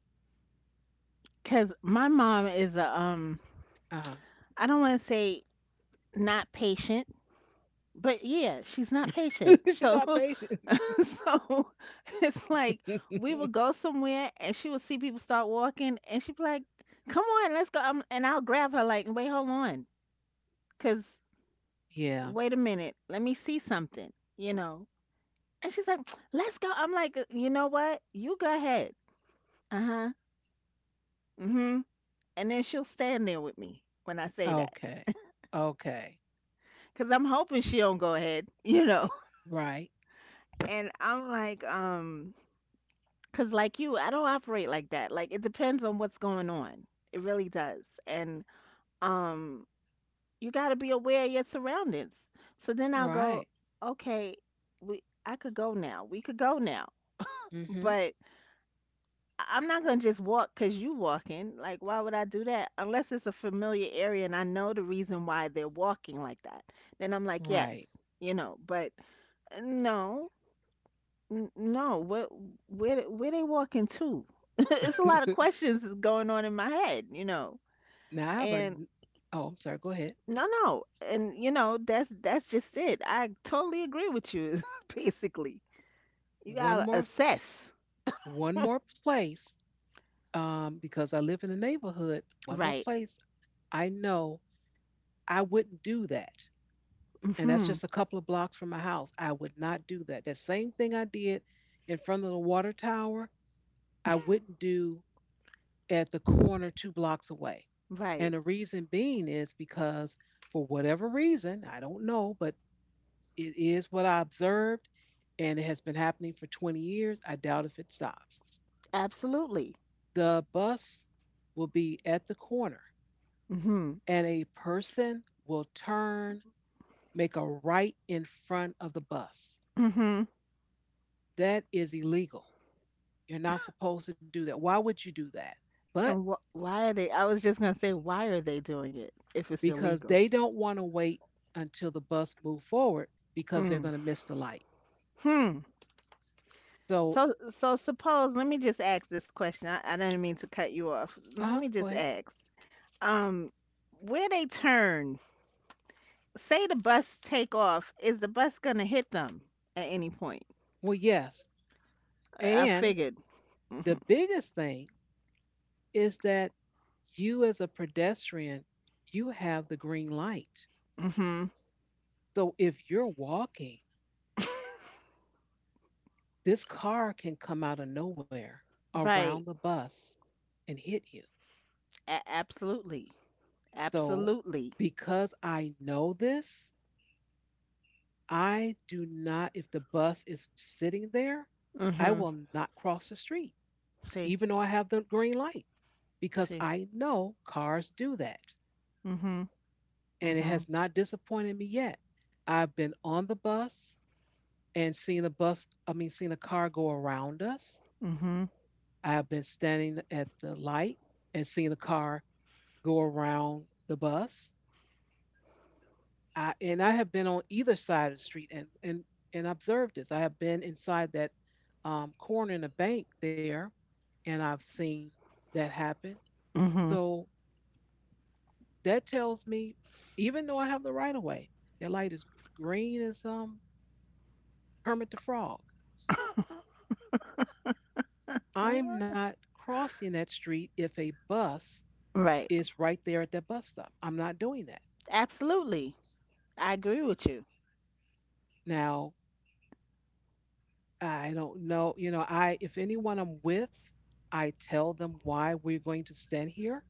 Cause my mom is a
Uh-huh.
I don't want to say not patient, but yeah, she's not patient.
You're not
So
patient.
so it's like we will go somewhere and she will see people start walking and she'd be like, "Come on, let's go." And I'll grab her like, "Wait, hold on, cause
Yeah.
wait a minute, let me see something," you know. And she's like, "Let's go." I'm like, "You know what? You go ahead." Uh-huh. Mhm. And then she'll stand there with me when I say that,
Okay. Okay.
because 'Cause I'm hoping she don't go ahead, you know.
Right.
And I'm like, because, like you, I don't operate like that. Like, it depends on what's going on. It really does. And um, you got to be aware of your surroundings. So then I'll go,
Right.
okay, I could go now. We could go now.
Mm-hmm.
But I'm not going to just walk because you walking. Like, why would I do that? Unless it's a familiar area and I know the reason why they're walking like that. Then I'm like,
Right.
yes, you know, but uh, no, no, what where they walking to? It's a lot of questions is going on in my head, you know.
Now I have a,
And
oh, I'm sorry. Go ahead.
no, no, and you know that's just it. I totally agree with you. Basically, you
One
gotta
more,
assess.
one more place, because I live in a neighborhood, one more
Right.
place, I know I wouldn't do that. And that's
Mhm.
just a couple of blocks from my house. I would not do that. That same thing I did in front of the water tower, I wouldn't do at the corner two blocks away. And
Right.
the reason being is because, for whatever reason, I don't know, but it is what I observed, and it has been happening for 20 years. I doubt if it stops.
Absolutely.
The bus will be at the corner
Mhm.
and a person will turn, make a right in front of the bus.
Mhm.
That is illegal. You're not supposed to do that. Why would you do that? But
And why are they? I was just gonna say, why are they doing it if it's
because
illegal?
they don't want to wait until the bus moves forward because they're
Mm.
going to miss the light.
Hmm.
So,
So, so suppose, let me just ask this question. I didn't mean to cut you off. Let
uh-huh,
me
go
just
ahead.
ask. Um, where they turn, say the bus take off, is the bus gonna hit them at any point?
Well, yes.
I
And
figured.
the
Hmm.
biggest thing is that you as a pedestrian, you have the green light.
Hmm.
So if you're walking, this car can come out of nowhere around the
Right.
bus and hit you.
Absolutely.
So,
Absolutely.
because I know this, I do not, if the bus is sitting there, I
Hmm.
will not cross the street, even
See,
though I have the green light, because
see.
I know cars do that.
Hmm.
And it
Hmm.
has not disappointed me yet. I've been on the bus and seen a bus, I mean, seen a car go around us.
Hmm.
I have been standing at the light and seeing a car go around the bus. I, and I have been on either side of the street and observed this. I have been inside that corner in the bank there, and I've seen that happen.
Hmm.
So that tells me, even though I have the right of way, that light is green as Kermit the Frog. I'm not crossing that street if a bus
Right.
is right there at that bus stop. I'm not doing that.
Absolutely. I agree with you.
Now, I don't know. I if anyone I'm with, I tell them why we're going to stand here.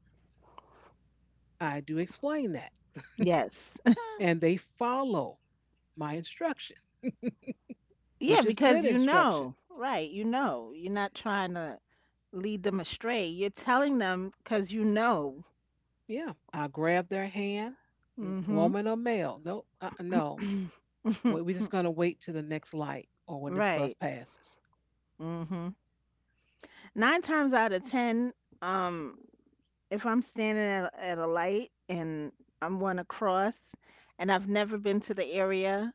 I do explain that,
Yes.
and they follow my instruction,
Yeah,
which is good
because you
instruction.
know, right? You know, you're not trying to lead them astray. You're telling them because you know.
Yeah, I grab their hand,
Hmm.
woman or male. No, no. We're just gonna wait till the next light or when this bus
Right.
passes.
Hmm. Nine times out of ten, um, if I'm standing at, at a light and I'm going to cross, and I've never been to the area,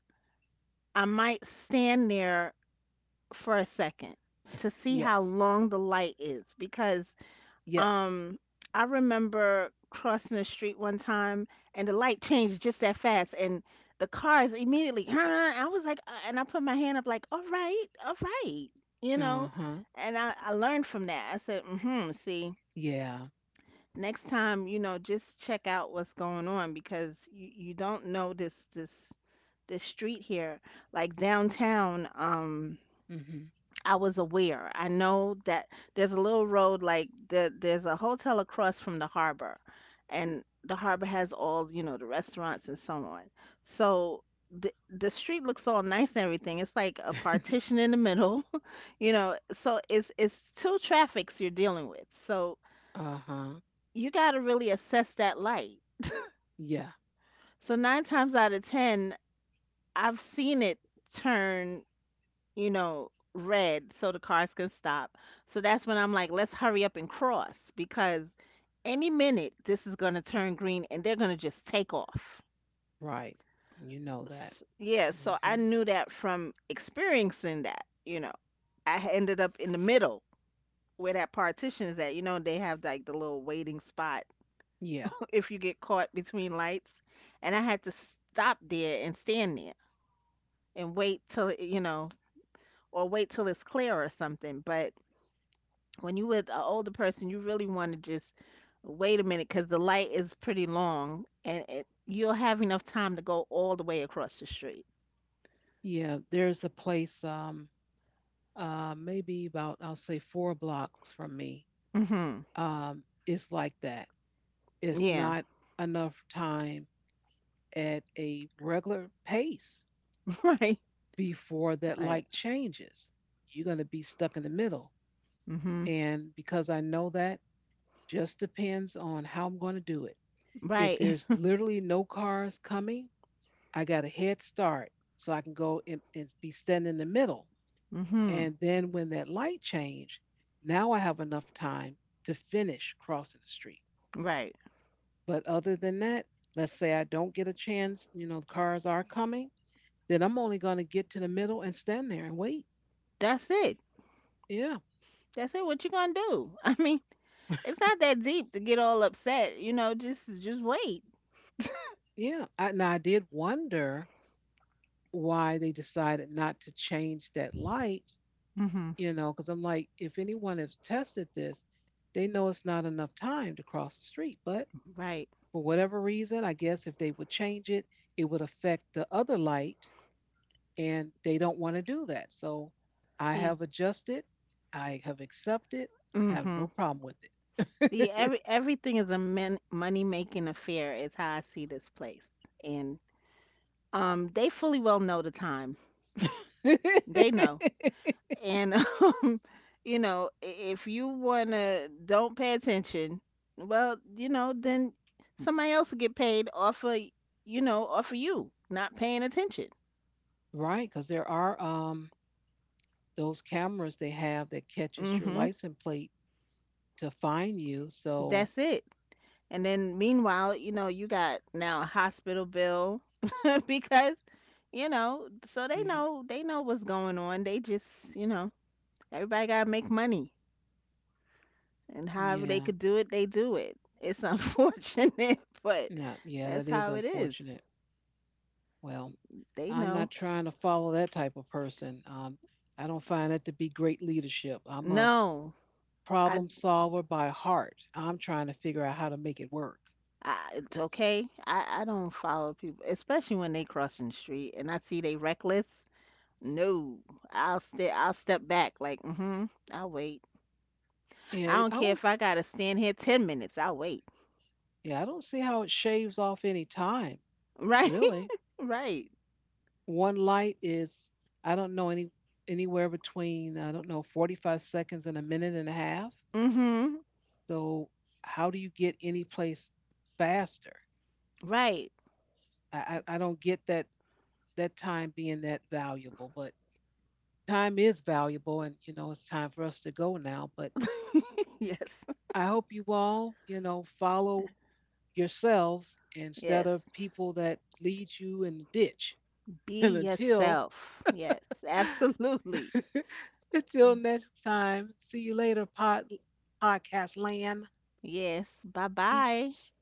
I might stand there for a second to see how
Yes,
long the light is, because
yes.
um, I remember crossing the street one time and the light changed just that fast and the cars immediately I was like and I put my hand up like, "All right, all right." You
Uh
know?
huh.
And I learned from that. I said, hmm. See,
Yeah.
next time, you know, just check out what's going on because you don't know this street here like downtown.
Mm-hmm.
I was aware. I know that there's a little road like there, there's a hotel across from the harbor, and the harbor has all, you know, the restaurants and so on. So the street looks all nice and everything. It's like a partition in the middle, you know. So it's two traffics you're dealing with. So
uh huh.
you got to really assess that light.
Yeah.
So nine times out of ten, I've seen it turn, you know, red so the cars can stop. So that's when I'm like, let's hurry up and cross because any minute this is going to turn green and they're going to just take off.
Right. You know that.
Yeah, so I
Mm-hmm.
knew that from experiencing that, you know. I ended up in the middle where that partition is at. You know, they have like the little waiting spot
Yeah.
if you get caught between lights. And I had to stop there and stand there and wait till, you know, or wait till it's clear or something. But when you with an older person, you really want to just wait a minute because the light is pretty long, and you'll have enough time to go all the way across the street.
Yeah, there's a place maybe about, I'll say, four blocks from me.
Mhm.
Um, it's like that. It's
Yeah.
not enough time at a regular pace
Right.
before that
Right.
light changes. You're going to be stuck in the middle.
Mhm.
And because I know that, just depends on how I'm going to do it. If
Right.
there's literally no cars coming, I got a head start so I can go and be standing in the middle.
Mhm.
And then when that light changed, now I have enough time to finish crossing the street.
Right.
But other than that, let's say I don't get a chance, you know, the cars are coming, then I'm only going to get to the middle and stand there and wait.
That's it.
Yeah,
That's it. What you gonna do? I mean, it's not that deep to get all upset. You know, just wait.
yeah. I, now I did wonder why they decided not to change that light,
Mhm.
you know, because I'm like, if anyone has tested this, they know it's not enough time to cross the street. But
Right.
for whatever reason, I guess if they would change it, it would affect the other light and they don't want to do that. So I
See.
have adjusted, I have accepted, I have no
Mhm.
problem with
See,
it.
everything is a money making affair. Is how I see this place, and um, they fully well know the time. They know. And um, you know, if you wanna don't pay attention, well, you know, then somebody else will get paid off of, you know, off of you not paying attention.
right, because there are those cameras they have that catches your
Hmm.
license plate to find you. So
That's it. And then meanwhile, you know, you got now a hospital bill because, you know, so they
mhm,
know, they know what's going on. They just, you know, everybody gotta make money, and however they
yeah,
could do it, they do it. It's unfortunate, but
no, yeah, that
that's
is
how it is.
unfortunate. Well,
They
I'm not
know.
trying to follow that type of person. I don't find that to be great leadership. I'm a
No, I,
problem solver by heart. I'm trying to figure out how to make it work.
I it's okay. I don't follow people, especially when they crossing the street and I see they reckless. No, I'll stay. I'll step back. Like, mm-hmm. I'll wait.
Yeah,
I
it,
don't
I
care
don't.
if I gotta stand here 10 minutes. I'll wait.
Yeah, I don't see how it shaves off any time.
Right,
Really,
right.
one light is, I don't know, anywhere between, I don't know, 45 seconds and a minute and a half.
Mm-hmm.
So how do you get any place faster?
Right.
I don't get that time being that valuable, but time is valuable, and you know it's time for us to go now. But
Yes.
I hope you all, you know, follow yourselves instead
Yes.
of people that lead you in the ditch.
Be
And until,
yourself. Yes, absolutely.
until next time, see you later, podcast land.
Yes. Bye bye.
Peace.